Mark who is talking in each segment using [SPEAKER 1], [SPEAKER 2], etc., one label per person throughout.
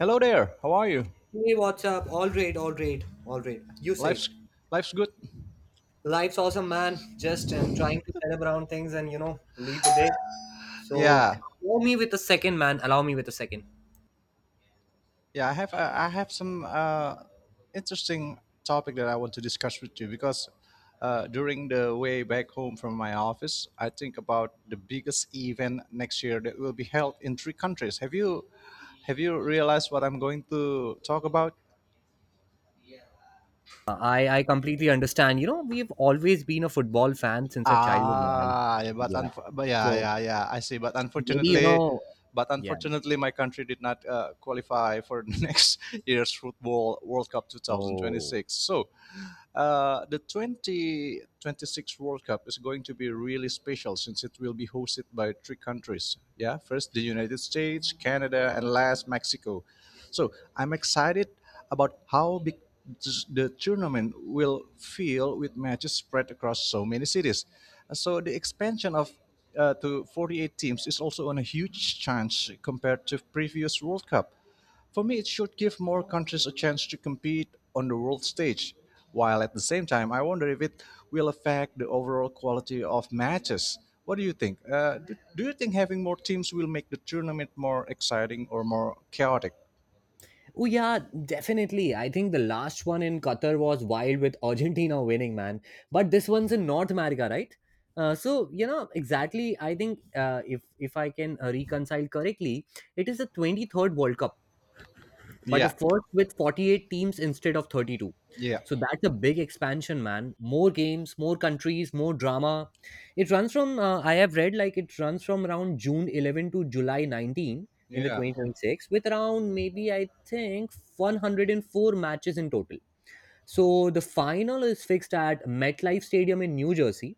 [SPEAKER 1] Hello there. How are you?
[SPEAKER 2] Hey, what's up? All right, all right, all right. You say,
[SPEAKER 1] Life's life's good.
[SPEAKER 2] life's awesome, man. Just and trying to set up around things and lead the day. So
[SPEAKER 1] Yeah,
[SPEAKER 2] allow me with a second, man. Allow me with a second.
[SPEAKER 1] yeah. I have some interesting topic that I want to discuss with you because during the way back home from my office, I think about the biggest event next year that will be held in three countries. Have you realized what I'm going to talk about?
[SPEAKER 2] I completely understand. You know, we've always been a football fan since our childhood, man.
[SPEAKER 1] Ah, yeah, but
[SPEAKER 2] Yeah.
[SPEAKER 1] unf- but yeah,
[SPEAKER 2] So
[SPEAKER 1] yeah, yeah. I see. But
[SPEAKER 2] maybe you
[SPEAKER 1] unfortunately,
[SPEAKER 2] know.
[SPEAKER 1] but
[SPEAKER 2] Yeah.
[SPEAKER 1] unfortunately, my country did not qualify for next year's football World Cup
[SPEAKER 2] Oh.
[SPEAKER 1] 2026. So, the 2026 World Cup is going to be really special since it will be hosted by three countries. Yeah, first the United States, Canada, and last Mexico. So, I'm excited about how big the tournament will fill with matches spread across so many cities. So the expansion of to 48 teams is also on a huge chance compared to previous World Cup. For me, it should give more countries a chance to compete on the world stage. While at the same time, I wonder if it will affect the overall quality of matches. What do you think? Do you think having more teams will make the tournament more exciting or more chaotic?
[SPEAKER 2] Oh yeah, definitely. I think the last one in Qatar was wild with Argentina winning, man. But this one's in North America, right? So you know exactly. I think if I can reconcile correctly, it is the 23rd World Cup but the
[SPEAKER 1] Yeah,
[SPEAKER 2] first with 48 teams instead of 32.
[SPEAKER 1] yeah,
[SPEAKER 2] So that's a big expansion, man. More games, more countries, more drama. It runs from I have read, like, it runs from around June 11 to July 19 in the
[SPEAKER 1] yeah.
[SPEAKER 2] 2026 with around, maybe I think, 104 matches in total. So the final is fixed at MetLife Stadium in New Jersey,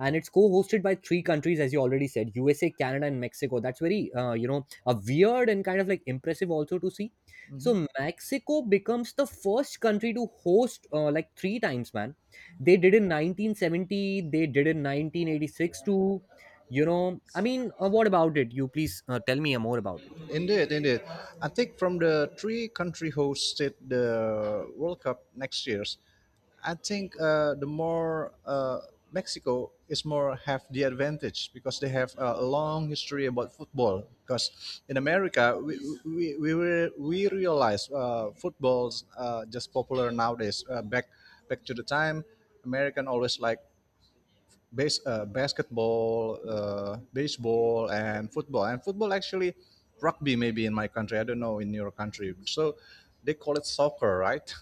[SPEAKER 2] and it's co-hosted by three countries, as you already said, USA, Canada, and Mexico. That's very, a weird and kind of like impressive, also, to see. So Mexico becomes the first country to host, like, three times, man. They did in 1970. They did in 1986 too, I mean, what about it? You please tell me more about it.
[SPEAKER 1] Indeed, indeed. I think from the three country hosted the World Cup next year's, I think the more Mexico is more have the advantage because they have a long history about football. Because in America, we realize football's just popular nowadays. Back to the time, American always like base basketball, baseball, and football. And football actually rugby maybe in my country. I don't know in your country. So they call it soccer, right?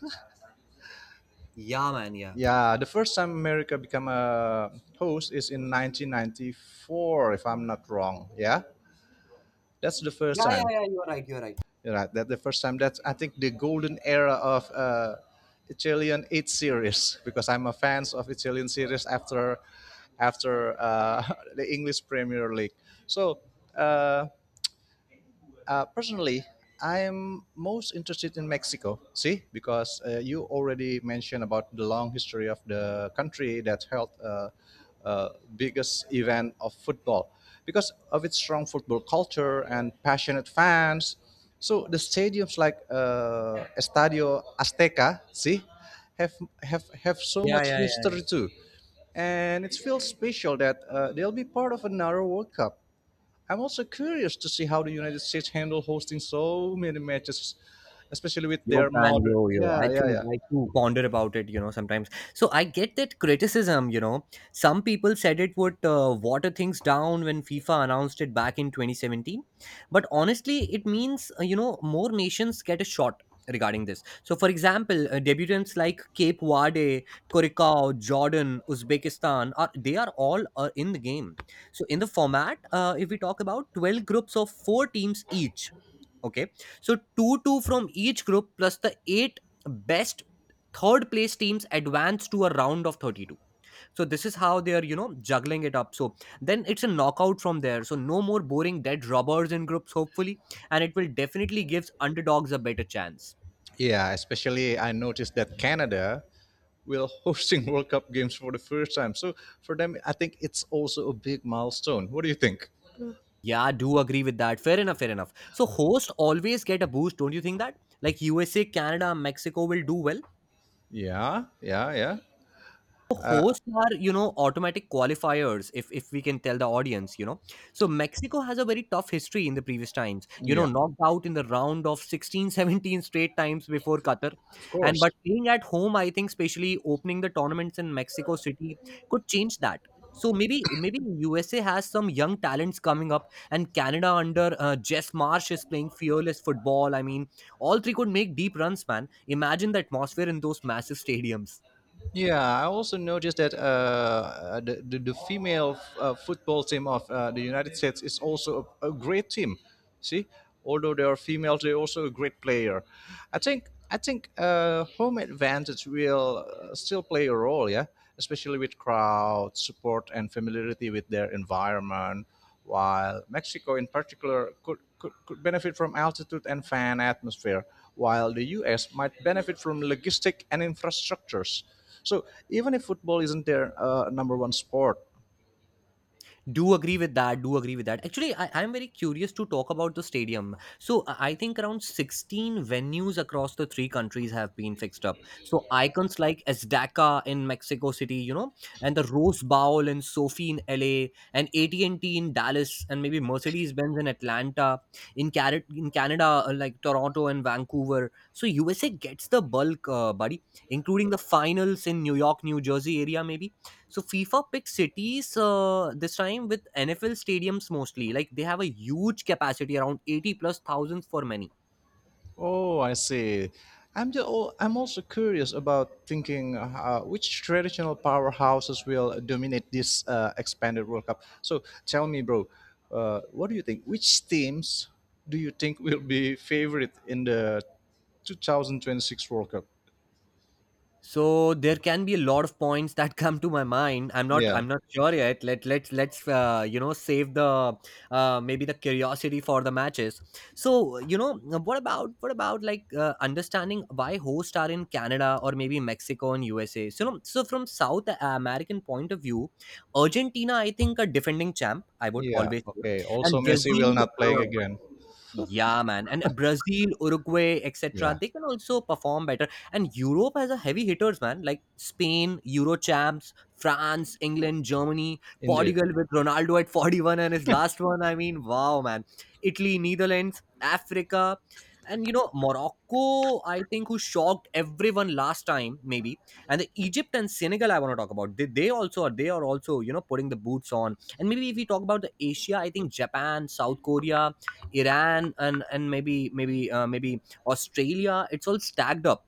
[SPEAKER 2] Yeah, man. Yeah.
[SPEAKER 1] Yeah, the first time America became a host is in 1994, if I'm not wrong. Yeah, that's the first
[SPEAKER 2] Yeah, yeah,
[SPEAKER 1] time.
[SPEAKER 2] yeah. You're right. You're right.
[SPEAKER 1] Right, that the first time that's I think the golden era of Italian eight series because I'm a fan of Italian series after the English Premier League. So uh, personally, I'm most interested in Mexico. See, because you already mentioned about the long history of the country that held uh, biggest event of football, because of its strong football culture and passionate fans. So the stadiums like Estadio Azteca, see, have have so
[SPEAKER 2] Yeah,
[SPEAKER 1] much
[SPEAKER 2] yeah, yeah.
[SPEAKER 1] history too, and it feels special that they'll be part of another World Cup. I'm also curious to see how the United States handle hosting so many matches, especially with
[SPEAKER 2] Yo,
[SPEAKER 1] their
[SPEAKER 2] pan,
[SPEAKER 1] modern.
[SPEAKER 2] yo, yo.
[SPEAKER 1] Yeah,
[SPEAKER 2] I
[SPEAKER 1] yeah,
[SPEAKER 2] too,
[SPEAKER 1] yeah.
[SPEAKER 2] I too ponder about it, sometimes. So I get that criticism. Some people said it would water things down when FIFA announced it back in 2017. But honestly, it means, more nations get a shot regarding this. So, for example, debutants like Cape Verde, Curacao, Jordan, Uzbekistan, are all in the game. So, in the format, if we talk about 12 groups of four teams each. Okay. So two from each group plus the eight best third place teams advance to a round of 32. So this is how they are juggling it up. So then it's a knockout from there. So no more boring dead robbers in groups, hopefully, and it will definitely gives underdogs a better chance.
[SPEAKER 1] Yeah, especially I noticed that Canada will hosting World Cup games for the first time. So for them, I think it's also a big milestone. What do you think?
[SPEAKER 2] Yeah, I do agree with that. Fair enough, fair enough. So hosts always get a boost, don't you think that, like, USA, Canada, Mexico will do well?
[SPEAKER 1] Yeah, yeah, yeah, uh,
[SPEAKER 2] Hosts are automatic qualifiers, if we can tell the audience. So Mexico has a very tough history. In the previous times,
[SPEAKER 1] yeah.
[SPEAKER 2] knocked out in the round of 16, 17 straight times before Qatar.
[SPEAKER 1] Of
[SPEAKER 2] And
[SPEAKER 1] course.
[SPEAKER 2] but playing at home, I think, especially opening the tournaments in Mexico City could change that. So maybe USA has some young talents coming up, and Canada under Jess Marsh is playing fearless football, I mean. All three could make deep runs, man. Imagine the atmosphere in those massive stadiums.
[SPEAKER 1] Yeah, I also noticed that the, the female football team of the United States is also a great team. See, although they are females, they're also a great player. I think home advantage will still play a role. Yeah, especially with crowd support and familiarity with their environment. While Mexico, in particular, could benefit from altitude and fan atmosphere, while the U.S. might benefit from logistic and infrastructures. So even if football isn't their number one sport,
[SPEAKER 2] Do agree with that, do agree with that, actually. I'm very curious to talk about the stadium. So I think around 16 venues across the three countries have been fixed up. So icons like Azteca in Mexico City, and the Rose Bowl in Sophie in LA, and AT&T in Dallas, and maybe Mercedes-Benz in Atlanta. In Canada, like Toronto and Vancouver. So USA gets the bulk, buddy, including the finals in New York, New Jersey area maybe. So FIFA picked cities, this time with NFL stadiums mostly. Like they have a huge capacity, around 80 plus thousands for many.
[SPEAKER 1] oh, I see. Oh, I'm also curious about thinking which traditional powerhouses will dominate this expanded World Cup. So tell me, bro, what do you think? Which teams do you think will be favorite in the 2026 World Cup?
[SPEAKER 2] So there can be a lot of points that come to my mind. I'm not
[SPEAKER 1] Yeah,
[SPEAKER 2] I'm not sure yet. Let's save the curiosity for the matches. So what about like, understanding why hosts are in Canada or maybe Mexico and USA. So from South American point of view, Argentina, I think, are defending champ. I would
[SPEAKER 1] yeah.
[SPEAKER 2] always say,
[SPEAKER 1] Okay. Also,
[SPEAKER 2] and
[SPEAKER 1] Messi
[SPEAKER 2] Brazil.
[SPEAKER 1] will not play again.
[SPEAKER 2] Yeah, man. And Brazil, Uruguay,
[SPEAKER 1] Yeah.
[SPEAKER 2] etc. They can also perform better. And Europe has a heavy hitters, man. Like Spain, Euro champs, France, England, Germany,
[SPEAKER 1] Indeed.
[SPEAKER 2] Portugal with Ronaldo at 41 and his last one. I mean, wow, man. Italy, Netherlands, Africa. And, Morocco, I think, who shocked everyone last time, maybe. And the Egypt and Senegal, I want to talk about. They also are they are also, you know, putting the boots on. And maybe if we talk about the Asia, I think Japan, South Korea, Iran, and maybe Australia. It's all stacked up.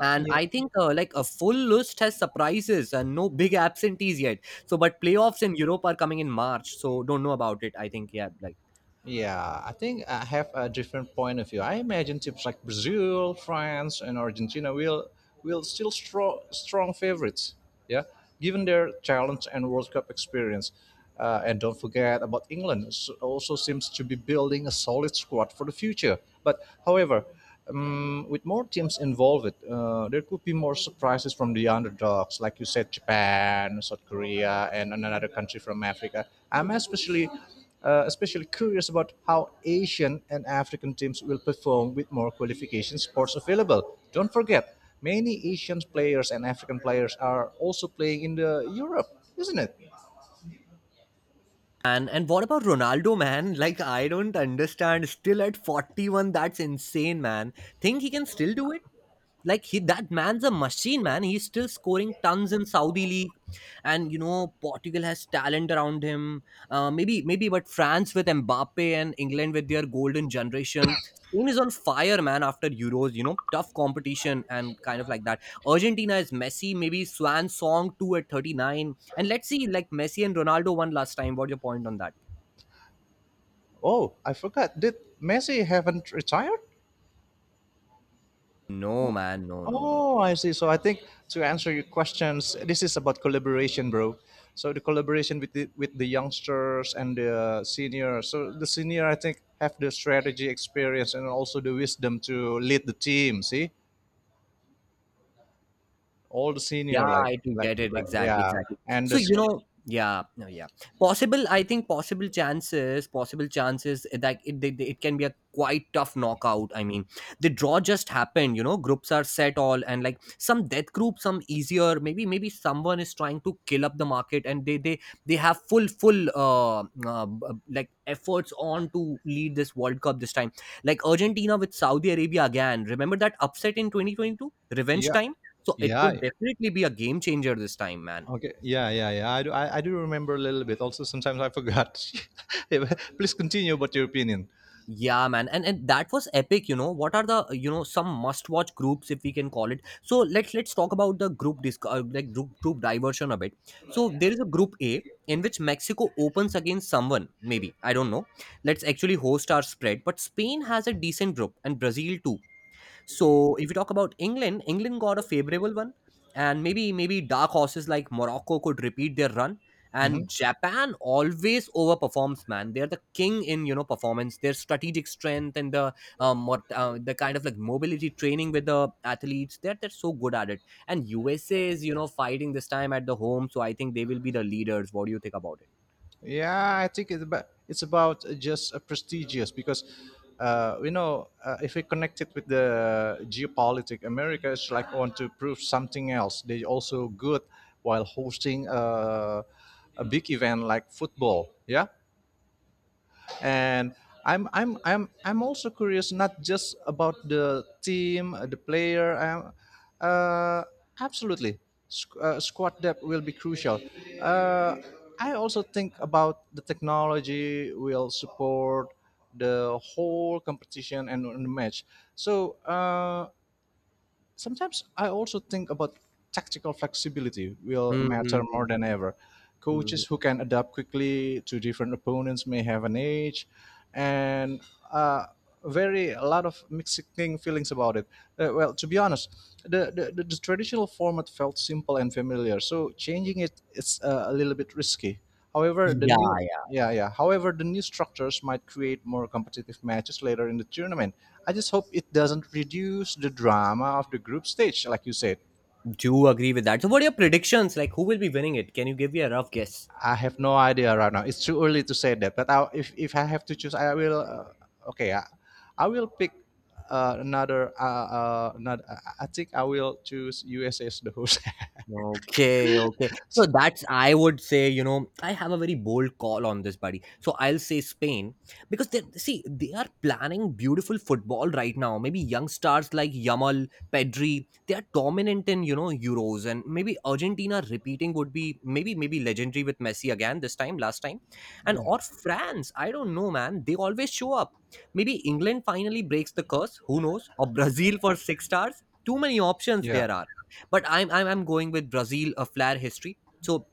[SPEAKER 2] And I think like a full list has surprises and no big absentees yet. So, but playoffs in Europe are coming in March, so don't know about it. I think, yeah, like,
[SPEAKER 1] Yeah, I think I have a different point of view. I imagine teams like Brazil, France, and Argentina will still strong favorites. Yeah, given their talent and World Cup experience, and don't forget about England. Also seems to be building a solid squad for the future. But However, with more teams involved, there could be more surprises from the underdogs, like you said, Japan, South Korea, and another country from Africa. I'm especially especially curious about how Asian and African teams will perform with more qualification sports available. Don't forget, many Asian players and African players are also playing in the Europe, isn't it?
[SPEAKER 2] and what about Ronaldo, man? Like I don't understand. Still at 41, that's insane, man. Think he can still do it? Like he that man's a machine, man. He's still scoring tons in Saudi league, and Portugal has talent around him. Maybe but France with Mbappe and England with their golden generation. Spain is on fire, man, after Euros. Tough competition, and kind of like that. Argentina is Messi maybe swan song 2 at 39, and let's see, like, Messi and Ronaldo won last time. What's your point on that?
[SPEAKER 1] Oh, I forgot. Did Messi haven't retired?
[SPEAKER 2] No, man. No, no, no.
[SPEAKER 1] Oh, I see. So I think to answer your questions, this is about collaboration, bro. So the collaboration with with the youngsters and the senior. So the senior, I think, have the strategy experience and also the wisdom to lead the team. See, all the
[SPEAKER 2] Yeah,
[SPEAKER 1] senior, like
[SPEAKER 2] I do
[SPEAKER 1] like
[SPEAKER 2] get it.
[SPEAKER 1] like
[SPEAKER 2] Exactly,
[SPEAKER 1] yeah,
[SPEAKER 2] exactly.
[SPEAKER 1] and
[SPEAKER 2] So,
[SPEAKER 1] this
[SPEAKER 2] yeah, no, yeah. Possible, I think possible chances that it can be a quite tough knockout. I mean, the draw just happened. Groups are set all, and like some death group, some easier, maybe someone is trying to kill up the market, and they have full, like efforts on to lead this World Cup this time. Like Argentina with Saudi Arabia again. Remember that upset in 2022? Revenge
[SPEAKER 1] yeah,
[SPEAKER 2] time? So it could
[SPEAKER 1] yeah.
[SPEAKER 2] definitely be a game changer this time, man.
[SPEAKER 1] Okay. Yeah, yeah, yeah. I do. I do remember a little bit. Also, sometimes I forgot. Yeah, but please continue about your opinion.
[SPEAKER 2] Yeah, man. And that was epic. What are the you know some must-watch groups, if we can call it? So let's talk about the group disc like group group diversion a bit. So there is a group A in which Mexico opens against someone, maybe. I don't know. Let's actually host our spread, but Spain has a decent group, and Brazil too. So if you talk about England, England got a favorable one, and maybe dark horses like Morocco could repeat their run.
[SPEAKER 1] Mm-hmm.
[SPEAKER 2] And Japan always overperforms, man. They're the king in performance. Their strategic strength and the kind of like mobility training with the athletes. They're so good at it. And USA is fighting this time at the home, so I think they will be the leaders. What do you think about it?
[SPEAKER 1] Yeah, I think it's about just a prestigious because if we connect it with the geopolitics, America is like want to prove something else. They also good while hosting a big event like football. Yeah, and I'm also curious not just about the team, the player. Uh, absolutely, squad depth will be crucial. Uh, I also think about the technology will support the whole competition and the match. So. Sometimes I also think about tactical flexibility will matter
[SPEAKER 2] Hmm.
[SPEAKER 1] more than ever.
[SPEAKER 2] Hmm.
[SPEAKER 1] Coaches who can adapt quickly to different opponents may have an edge, and uh, very a lot of mixing feelings about it. Well, to be honest, the traditional format felt simple and familiar, so changing it is a little bit risky. However, the
[SPEAKER 2] Yeah,
[SPEAKER 1] new
[SPEAKER 2] yeah.
[SPEAKER 1] yeah, yeah. However, the new structures might create more competitive matches later in the tournament. I just hope it doesn't reduce the drama of the group stage, like you said.
[SPEAKER 2] Do agree with that. So what are your predictions? Like who will be winning it? Can you give me a rough guess?
[SPEAKER 1] I have no idea right now. It's too early to say that. But if I have to choose, I will. Okay, I will pick another. Another. I think I will choose USA as the host.
[SPEAKER 2] Okay, okay. So that's, I would say, I have a very bold call on this, buddy. So I'll say Spain, because they see they are planning beautiful football right now. Maybe young stars like Yamal, Pedri, they are dominant in Euros, and maybe Argentina repeating would be maybe legendary with Messi again this time, last time, and
[SPEAKER 1] Yeah,
[SPEAKER 2] or France. I don't know, man. They always show up. Maybe England finally breaks the curse. Who knows? Or Brazil for six stars. Too many options
[SPEAKER 1] yeah.
[SPEAKER 2] there are, but I'm going with Brazil, a flair history. So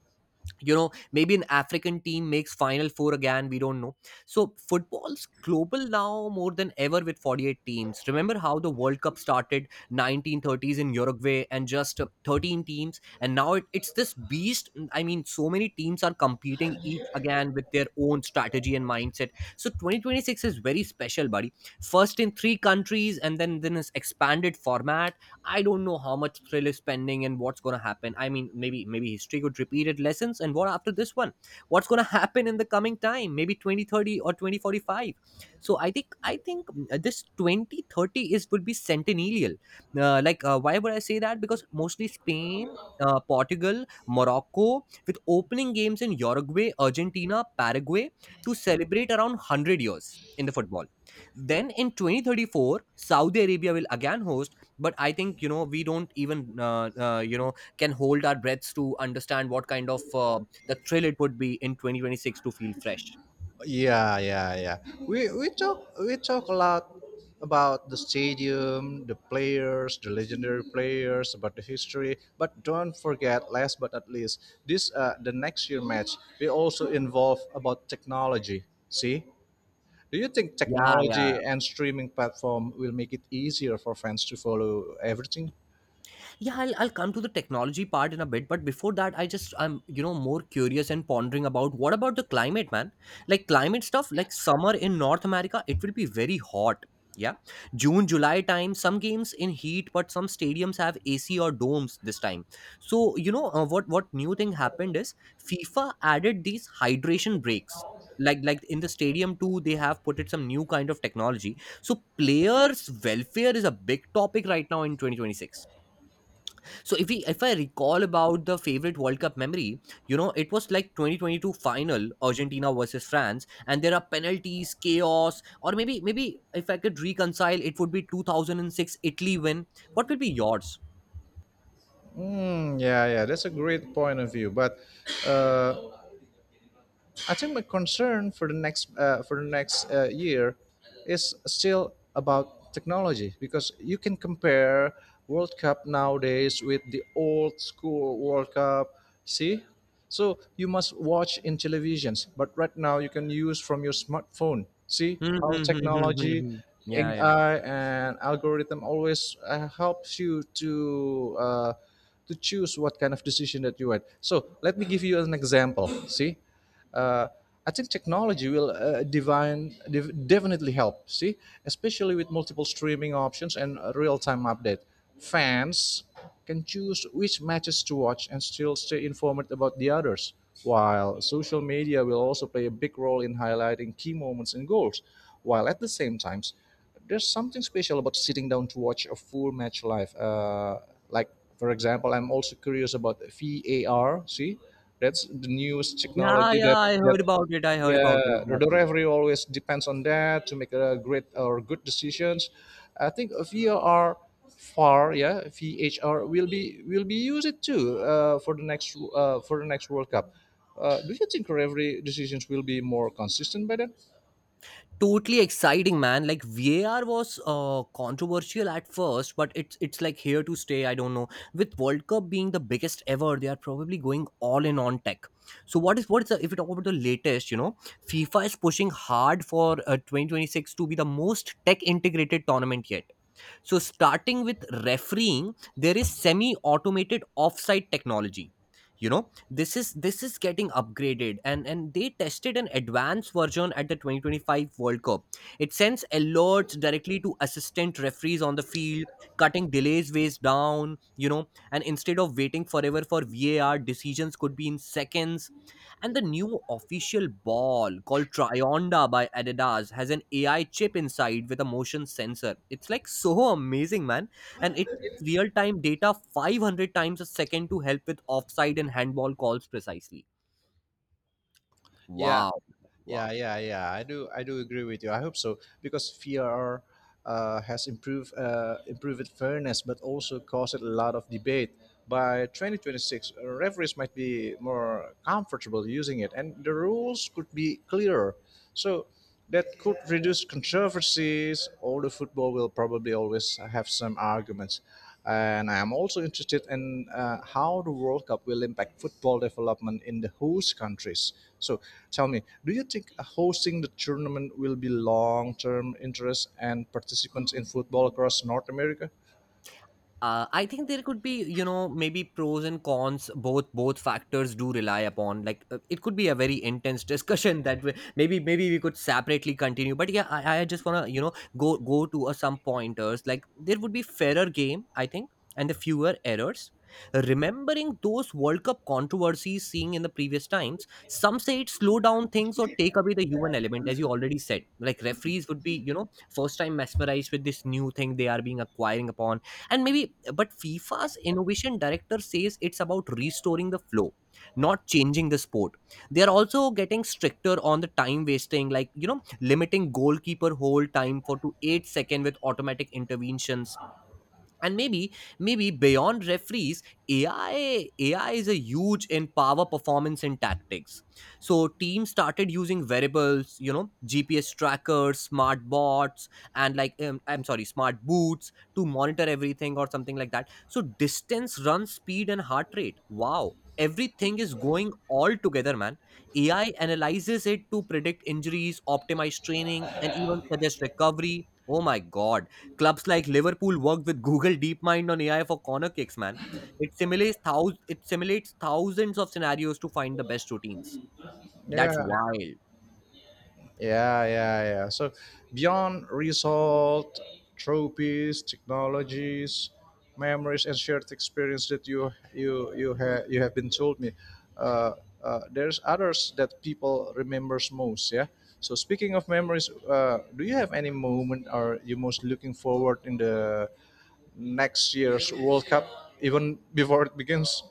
[SPEAKER 2] maybe an African team makes final four again. We don't know. So football's global now more than ever with 48 teams. Remember how the World Cup started 1930s in Uruguay, and just 13 teams, and now it's this beast. I mean, so many teams are competing each again with their own strategy and mindset. So 2026 is very special, buddy. First in three countries, and then this expanded format. I don't know how much thrill is pending and what's going to happen. I mean, maybe history could repeat its lessons, and what after this one? What's going to happen in the coming time? Maybe 2030 or 2045. So I think this 2030 is would be centennial. Like, why would I say that? Because mostly Spain, Portugal, Morocco, with opening games in Uruguay, Argentina, Paraguay, to celebrate around 100 years in the football. Then in 2034, Saudi Arabia will again host, but I think, we don't even can hold our breaths to understand what kind of the thrill it would be in 2026 to feel fresh.
[SPEAKER 1] Yeah, yeah, yeah. We talk a lot about the stadium, the players, the legendary players, about the history. But don't forget, last but not least, this the next year match. We also involve about technology. See, do you think
[SPEAKER 2] Yeah,
[SPEAKER 1] technology
[SPEAKER 2] yeah,
[SPEAKER 1] and streaming platform will make it easier for fans to follow everything?
[SPEAKER 2] yeah, I'll come to the technology part in a bit. But before that, I'm more curious and pondering about what about the climate, man. Like climate stuff, like summer in North America, it will be very hot. Yeah, June July time, some games in heat, but some stadiums have AC or domes this time. So what new thing happened is FIFA added these hydration breaks. Like in the stadium too, they have put it some new kind of technology, so players welfare is a big topic right now in 2026. So if I recall about the favorite World Cup memory, it was like 2022 final, Argentina versus France, and there are penalties, chaos. Or maybe if I could reconcile, it would be 2006 Italy win. What would be yours?
[SPEAKER 1] Mm, yeah, yeah, that's a great point of view. But uh, I think my concern for the next year is still about technology because you can compare World Cup nowadays with the old school World Cup. See, so you must watch in televisions, but right now you can use from your smartphone. See
[SPEAKER 2] Hmm,
[SPEAKER 1] how
[SPEAKER 2] hmm, hmm, hmm, hmm,
[SPEAKER 1] technology,
[SPEAKER 2] hmm. Yeah, yeah.
[SPEAKER 1] AI, and algorithm always helps you to. To choose what kind of decision that you want. So let me give you an example. See, uh, I think technology will definitely help. See, especially with multiple streaming options and real-time update, fans can choose which matches to watch and still stay informed about the others. While social media will also play a big role in highlighting key moments and goals, while at the same time there's something special about sitting down to watch a full match live. Like for example, I'm also curious about VAR. See, that's the newest
[SPEAKER 2] Yeah,
[SPEAKER 1] technology
[SPEAKER 2] yeah,
[SPEAKER 1] that
[SPEAKER 2] I
[SPEAKER 1] that
[SPEAKER 2] heard about it. I heard about it
[SPEAKER 1] yeah, the
[SPEAKER 2] exactly. Yeah.
[SPEAKER 1] referee always depends on that to make a great or good decisions. I think VHR will be used too for the next World Cup. Do you think referee decisions will be more consistent by then?
[SPEAKER 2] Totally exciting, man. Like VAR was controversial at first, but it's like here to stay. I don't know. With World Cup being the biggest ever, they are probably going all in on tech. So if we talk about the latest? FIFA is pushing hard for 2026 to be the most tech integrated tournament yet. So starting with refereeing, there is semi-automated offside technology. You know, this is getting upgraded, and they tested an advanced version at the 2025 world cup. It sends alerts directly to assistant referees on the field, cutting delays ways down, and instead of waiting forever for VAR, decisions could be in seconds. And the new official ball called Trionda by Adidas has an AI chip inside with a motion sensor. It's like so amazing, man. And it sends real time data 500 times a second to help with offside and handball calls precisely.
[SPEAKER 1] Yeah,
[SPEAKER 2] Wow. Wow.
[SPEAKER 1] yeah, yeah, yeah. I do agree with you. I hope so because VR has improved fairness, but also caused a lot of debate. By 2026, referees might be more comfortable using it, and the rules could be clearer. So. That could reduce controversies, although football will probably always have some arguments. And I am also interested in how the World Cup will impact football development in the host countries. So tell me, do you think hosting the tournament will be long term interest and participants in football across North America?
[SPEAKER 2] I think there could be, maybe pros and cons. Both factors do rely upon, like it could be a very intense discussion maybe we could separately continue. But yeah, I just want to, go to some pointers. Like there would be fairer game, I think, and the fewer errors, remembering those world cup controversies, seeing in the previous times. Some say it slow down things or take away the human element, as you already said. Like referees would be, first time mesmerized with this new thing they are being acquiring upon. And maybe but FIFA's innovation director says it's about restoring the flow, not changing the sport. They are also getting stricter on the time wasting, like, limiting goalkeeper hold time for to 8 second with automatic interventions. And maybe beyond referees, AI is a huge in power performance and tactics. So teams started using variables, GPS trackers, smart bots. And like, I'm sorry, smart boots, to monitor everything or something like that. So distance run, speed, and heart rate, wow, everything is going all together, man. AI analyzes it to predict injuries, optimize training, and even suggest recovery. Oh my god. Clubs like Liverpool worked with Google DeepMind on AI for corner kicks, man. It it simulates thousands of scenarios to find the best routines. That's
[SPEAKER 1] Yeah.
[SPEAKER 2] wild.
[SPEAKER 1] Yeah, yeah, yeah. So beyond result, trophies, technologies, memories, and shared experience that you have been told me, uh, there's others that people remembers most. Yeah. So speaking of memories, do you have any moment or you most looking forward in the next year's World Cup, even before it begins?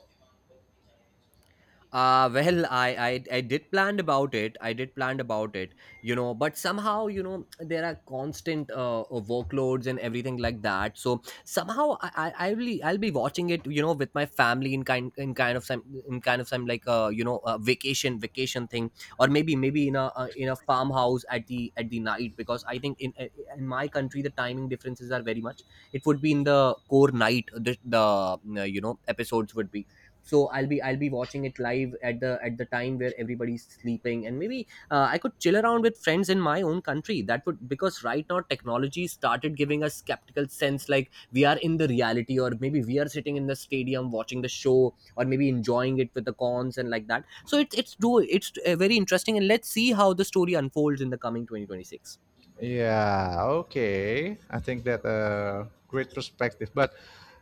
[SPEAKER 2] Well, I did planned about it. I did planned about it. But somehow, there are constant workloads and everything like that. So somehow, I'll be watching it, with my family, in kind of some in kind of some like vacation thing, or maybe in a, farmhouse at the, night, because I think in my country the timing differences are very much. It would be in the core night, the episodes would be. So I'll be watching it live at the, time where everybody's sleeping. And maybe I could chill around with friends in my own country, that would. Because right now technology started giving us skeptical sense, like we are in the reality, or maybe we are sitting in the stadium watching the show, or maybe enjoying it with the cons and like that. So it's very interesting, and let's see how the story unfolds in the coming 2026.
[SPEAKER 1] Yeah, okay. I think that a great perspective, but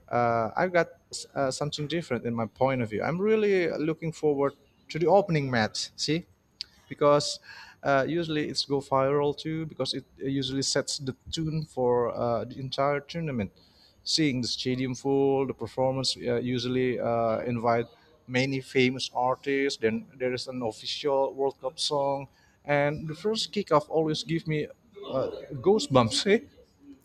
[SPEAKER 1] I've got something different in my point of view. I'm really looking forward to the opening match. See? Because usually it's go viral too because it usually sets the tune for the entire tournament. Seeing the stadium full, the performance usually invite many famous artists. Then there is an official World Cup song, and the first kickoff always give me uh, goosebumps. Eh?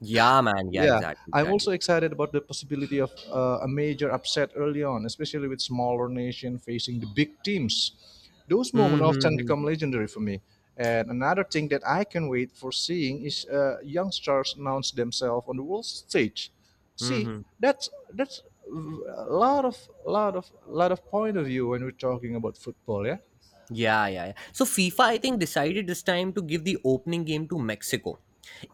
[SPEAKER 2] Yeah, man, yeah,
[SPEAKER 1] Yeah,
[SPEAKER 2] exactly,
[SPEAKER 1] I'm also
[SPEAKER 2] exactly.
[SPEAKER 1] excited about the possibility of a major upset early on, especially with smaller nation facing the big teams. Those moments
[SPEAKER 2] Mm-hmm.
[SPEAKER 1] often become
[SPEAKER 2] Mm-hmm,
[SPEAKER 1] legendary for me. And another thing that I can wait for seeing is young stars announce themselves on the world stage. See,
[SPEAKER 2] mm-hmm.
[SPEAKER 1] that's a lot of lot of point of view when we're talking about football, yeah.
[SPEAKER 2] Yeah, yeah, yeah. So FIFA, I think, decided this time to give the opening game to Mexico.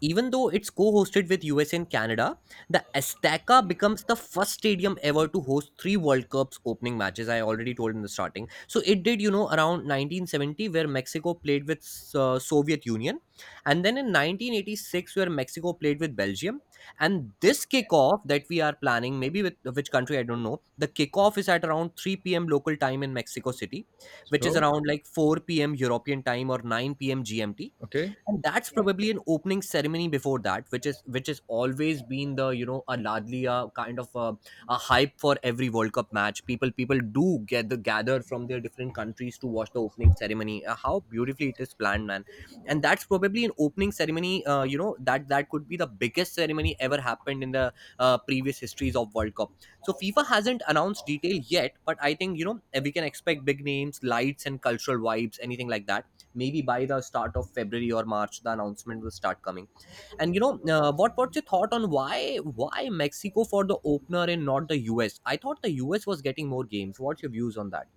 [SPEAKER 2] Even though it's co-hosted with US and Canada, the Azteca becomes the first stadium ever to host three World Cups opening matches. I already told in the starting. So it did, around 1970 where Mexico played with Soviet Union, and then in 1986 where Mexico played with Belgium. And this kickoff that we are planning, maybe with which country I don't know, the kickoff is at around 3 p.m. local time in Mexico City, which is
[SPEAKER 1] So,
[SPEAKER 2] around like 4 p.m. European time or 9 p.m. GMT.
[SPEAKER 1] okay.
[SPEAKER 2] And that's probably an opening ceremony before that, which has always been the, a largely a kind of a hype for every world cup match. People do get the gather from their different countries to watch the opening ceremony. How beautifully it is planned, man. And that's probably an opening ceremony, that could be the biggest ceremony ever happened in the previous histories of world cup. So FIFA hasn't announced detail yet, but I think. We can expect big names, lights, and cultural vibes, anything like that. Maybe by the start of February or March, the announcement will start coming. And what's your thought on, why Mexico for the opener and not the US? I thought the US was getting more games. What's your views on that?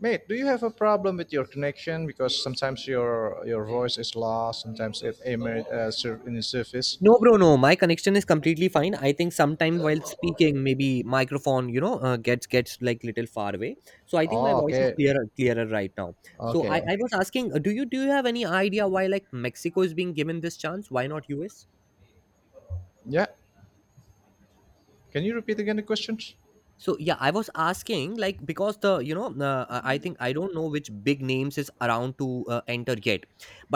[SPEAKER 1] Mate, do you have a problem with your connection? Because sometimes your voice is lost. Sometimes it in the surface.
[SPEAKER 2] No, bro, no, my connection is completely fine. I think sometimes while speaking, maybe microphone, gets like little far away. So I think my
[SPEAKER 1] Oh,
[SPEAKER 2] voice is
[SPEAKER 1] okay,
[SPEAKER 2] clearer right now. So i
[SPEAKER 1] okay.
[SPEAKER 2] i was asking, do you have any idea why, like, Mexico is being given this chance, why not US?
[SPEAKER 1] Yeah. Can you repeat again the questions?
[SPEAKER 2] So yeah, I was asking, like, because the I think, I don't know which big names is around to enter yet.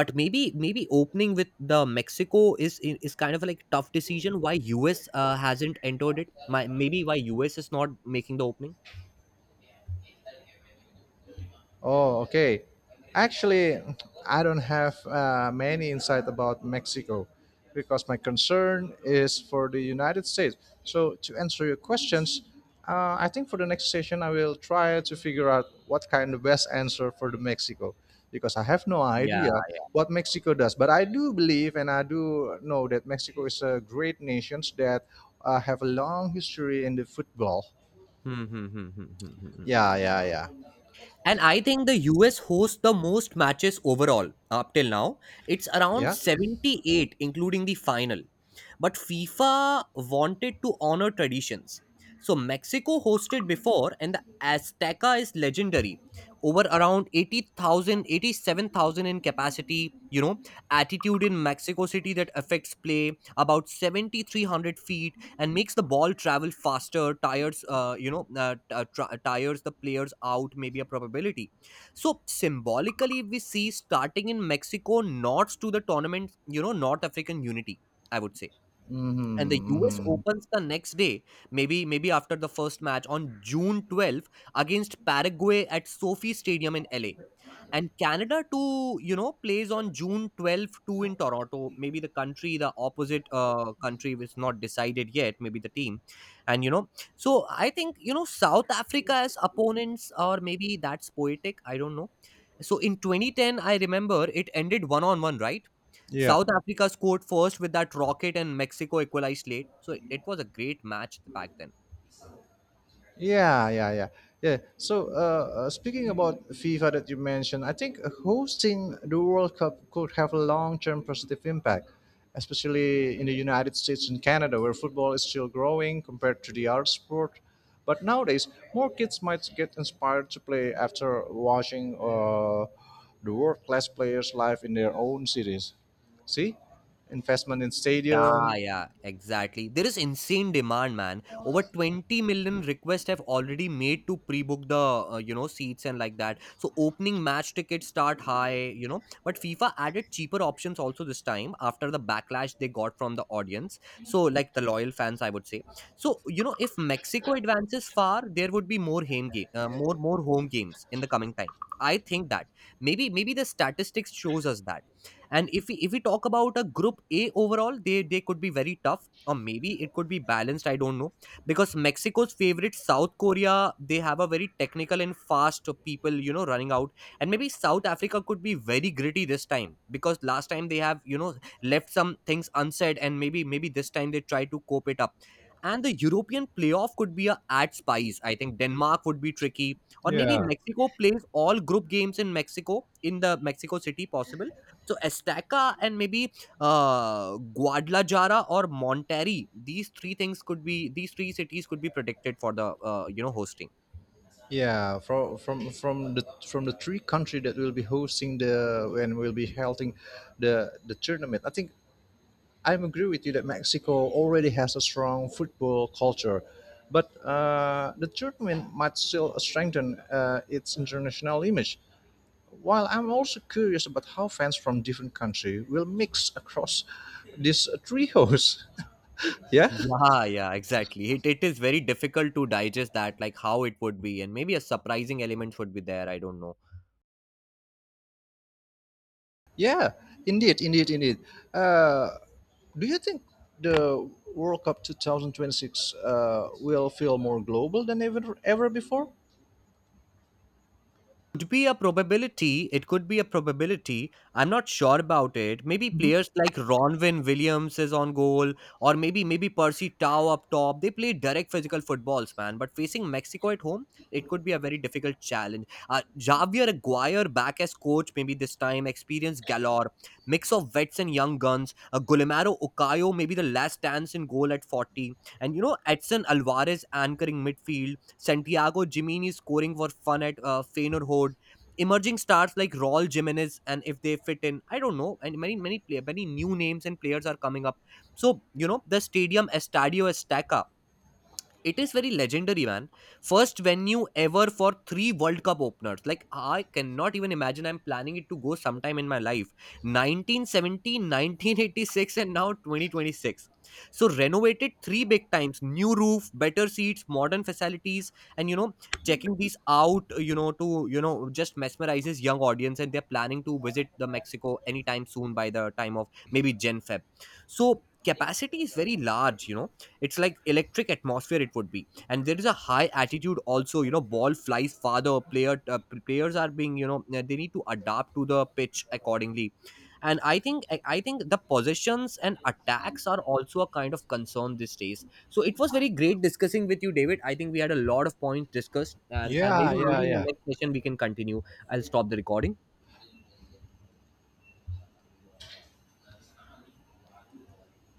[SPEAKER 2] But maybe opening with the Mexico is kind of like tough decision. Why US hasn't entered it? Maybe why US is not making the opening?
[SPEAKER 1] Oh, okay. Actually, I don't have many insight about Mexico because my concern is for the United States. So, to answer your questions, I think for the next session, I will try to figure out what kind of best answer for the Mexico because I have no
[SPEAKER 2] Yeah.
[SPEAKER 1] idea what Mexico does. But I do believe and I do know that Mexico is a great nation that have a long history in the football.
[SPEAKER 2] Hmm, hmm, hmm, hmm, hmm, hmm, hmm.
[SPEAKER 1] Yeah, yeah, yeah.
[SPEAKER 2] And I think the US hosts the most matches overall up till now. It's around
[SPEAKER 1] Yeah.
[SPEAKER 2] 78, including the final. But FIFA wanted to honor traditions. So Mexico hosted before, and the Azteca is legendary. Over around 80,000, 87,000 in capacity, attitude in Mexico City that affects play about 7,300 feet and makes the ball travel faster, tires the players out, maybe a probability. So symbolically, we see starting in Mexico nods to the tournament, North African unity, I would say. And the US
[SPEAKER 1] Hmm.
[SPEAKER 2] opens the next day, maybe after the first match on June 12th against Paraguay at Sophie Stadium in LA. And Canada too, plays on June 12th too in Toronto, maybe the opposite country, which not decided yet, maybe the team. And, so I think, South Africa as opponents, or maybe that's poetic, I don't know. So in 2010, I remember it ended one on one, right?
[SPEAKER 1] Yeah,
[SPEAKER 2] South Africa scored first with that rocket, and Mexico equalized late, so it was a great match back then.
[SPEAKER 1] yeah, yeah, yeah, yeah. So, speaking about FIFA that you mentioned, I think hosting the World Cup could have a long-term positive impact, especially in the United States and Canada, where football is still growing compared to the other sport. But nowadays, more kids might get inspired to play after watching the world-class players live in their own cities. See, investment in
[SPEAKER 2] Yeah,
[SPEAKER 1] stadium.
[SPEAKER 2] yeah, exactly. There is insane demand, man. Over 20 million requests have already made to pre-book the, seats and like that. So opening match tickets start high. But FIFA added cheaper options also this time after the backlash they got from the audience. So like the loyal fans, I would say. So, if Mexico advances far, there would be more home game, more more home games in the coming time. I think that maybe the statistics shows us that. And if we talk about a group a overall, they could be very tough, or maybe it could be balanced, I don't know. Because Mexico's favorite South Korea, they have a very technical and fast people, running out. And maybe South Africa could be very gritty this time, because last time they have, left some things unsaid. And maybe this time they try to cope it up. And the European playoff could be a ad spice, I think. Denmark would be tricky. Or maybe
[SPEAKER 1] Yeah.
[SPEAKER 2] Mexico plays all group games in mexico in the Mexico City possible. So Estaca, and maybe Guadalajara or Monterrey, these three cities could be predicted for the hosting.
[SPEAKER 1] Yeah, from the three country that will be hosting the and will be holding the tournament. I think I agree with you that Mexico already has a strong football culture, but the tournament might still strengthen its international image. While I'm also curious about how fans from different countries will mix across these three hosts. Yeah,
[SPEAKER 2] Yeah, yeah, exactly. It is very difficult to digest that, like how it would be, and maybe a surprising element would be there. I don't know.
[SPEAKER 1] yeah, indeed, indeed, indeed. Uh, Do you think the World Cup 2026 will feel more global than ever, ever before?
[SPEAKER 2] Could be a probability. It could be a probability. I'm not sure about it. Maybe
[SPEAKER 1] Mhm.
[SPEAKER 2] players like Ronvin Williams is on goal, or maybe Percy Tau up top. They play direct physical footballs, man. But facing Mexico at home, it could be a very difficult challenge. Javier Aguirre back as coach, maybe this time experience galore, mix of vets and young guns. Gulimaro Okayo, maybe the last dance in goal at 40, and Edson Alvarez anchoring midfield. Santiago Jimini scoring for fun at Feyenoord. Emerging stars like Raul Jimenez, and if they fit in, I don't know. And many new names and players are coming up. So, the stadium Estadio Estaca, it is very legendary, man. First venue ever for three World Cup openers. Like, I cannot even imagine, I'm planning it to go sometime in my life. 1970, 1986, and now 2026. So, renovated three big times, new roof, better seats, modern facilities. And, checking these out, to, just mesmerizes young audience. And they're planning to visit the Mexico anytime soon by the time of maybe Gen Feb. So, capacity is very large. It's like electric atmosphere it would be, and there is a high attitude also, ball flies farther, players are being, they need to adapt to the pitch accordingly. And I I think the possessions and attacks are also a kind of concern these days. So it was very great discussing with you, David. I think we had a lot of points discussed, and
[SPEAKER 1] Yeah,
[SPEAKER 2] maybe
[SPEAKER 1] yeah,
[SPEAKER 2] maybe in the next
[SPEAKER 1] yeah.
[SPEAKER 2] session we can continue. I'll stop the recording.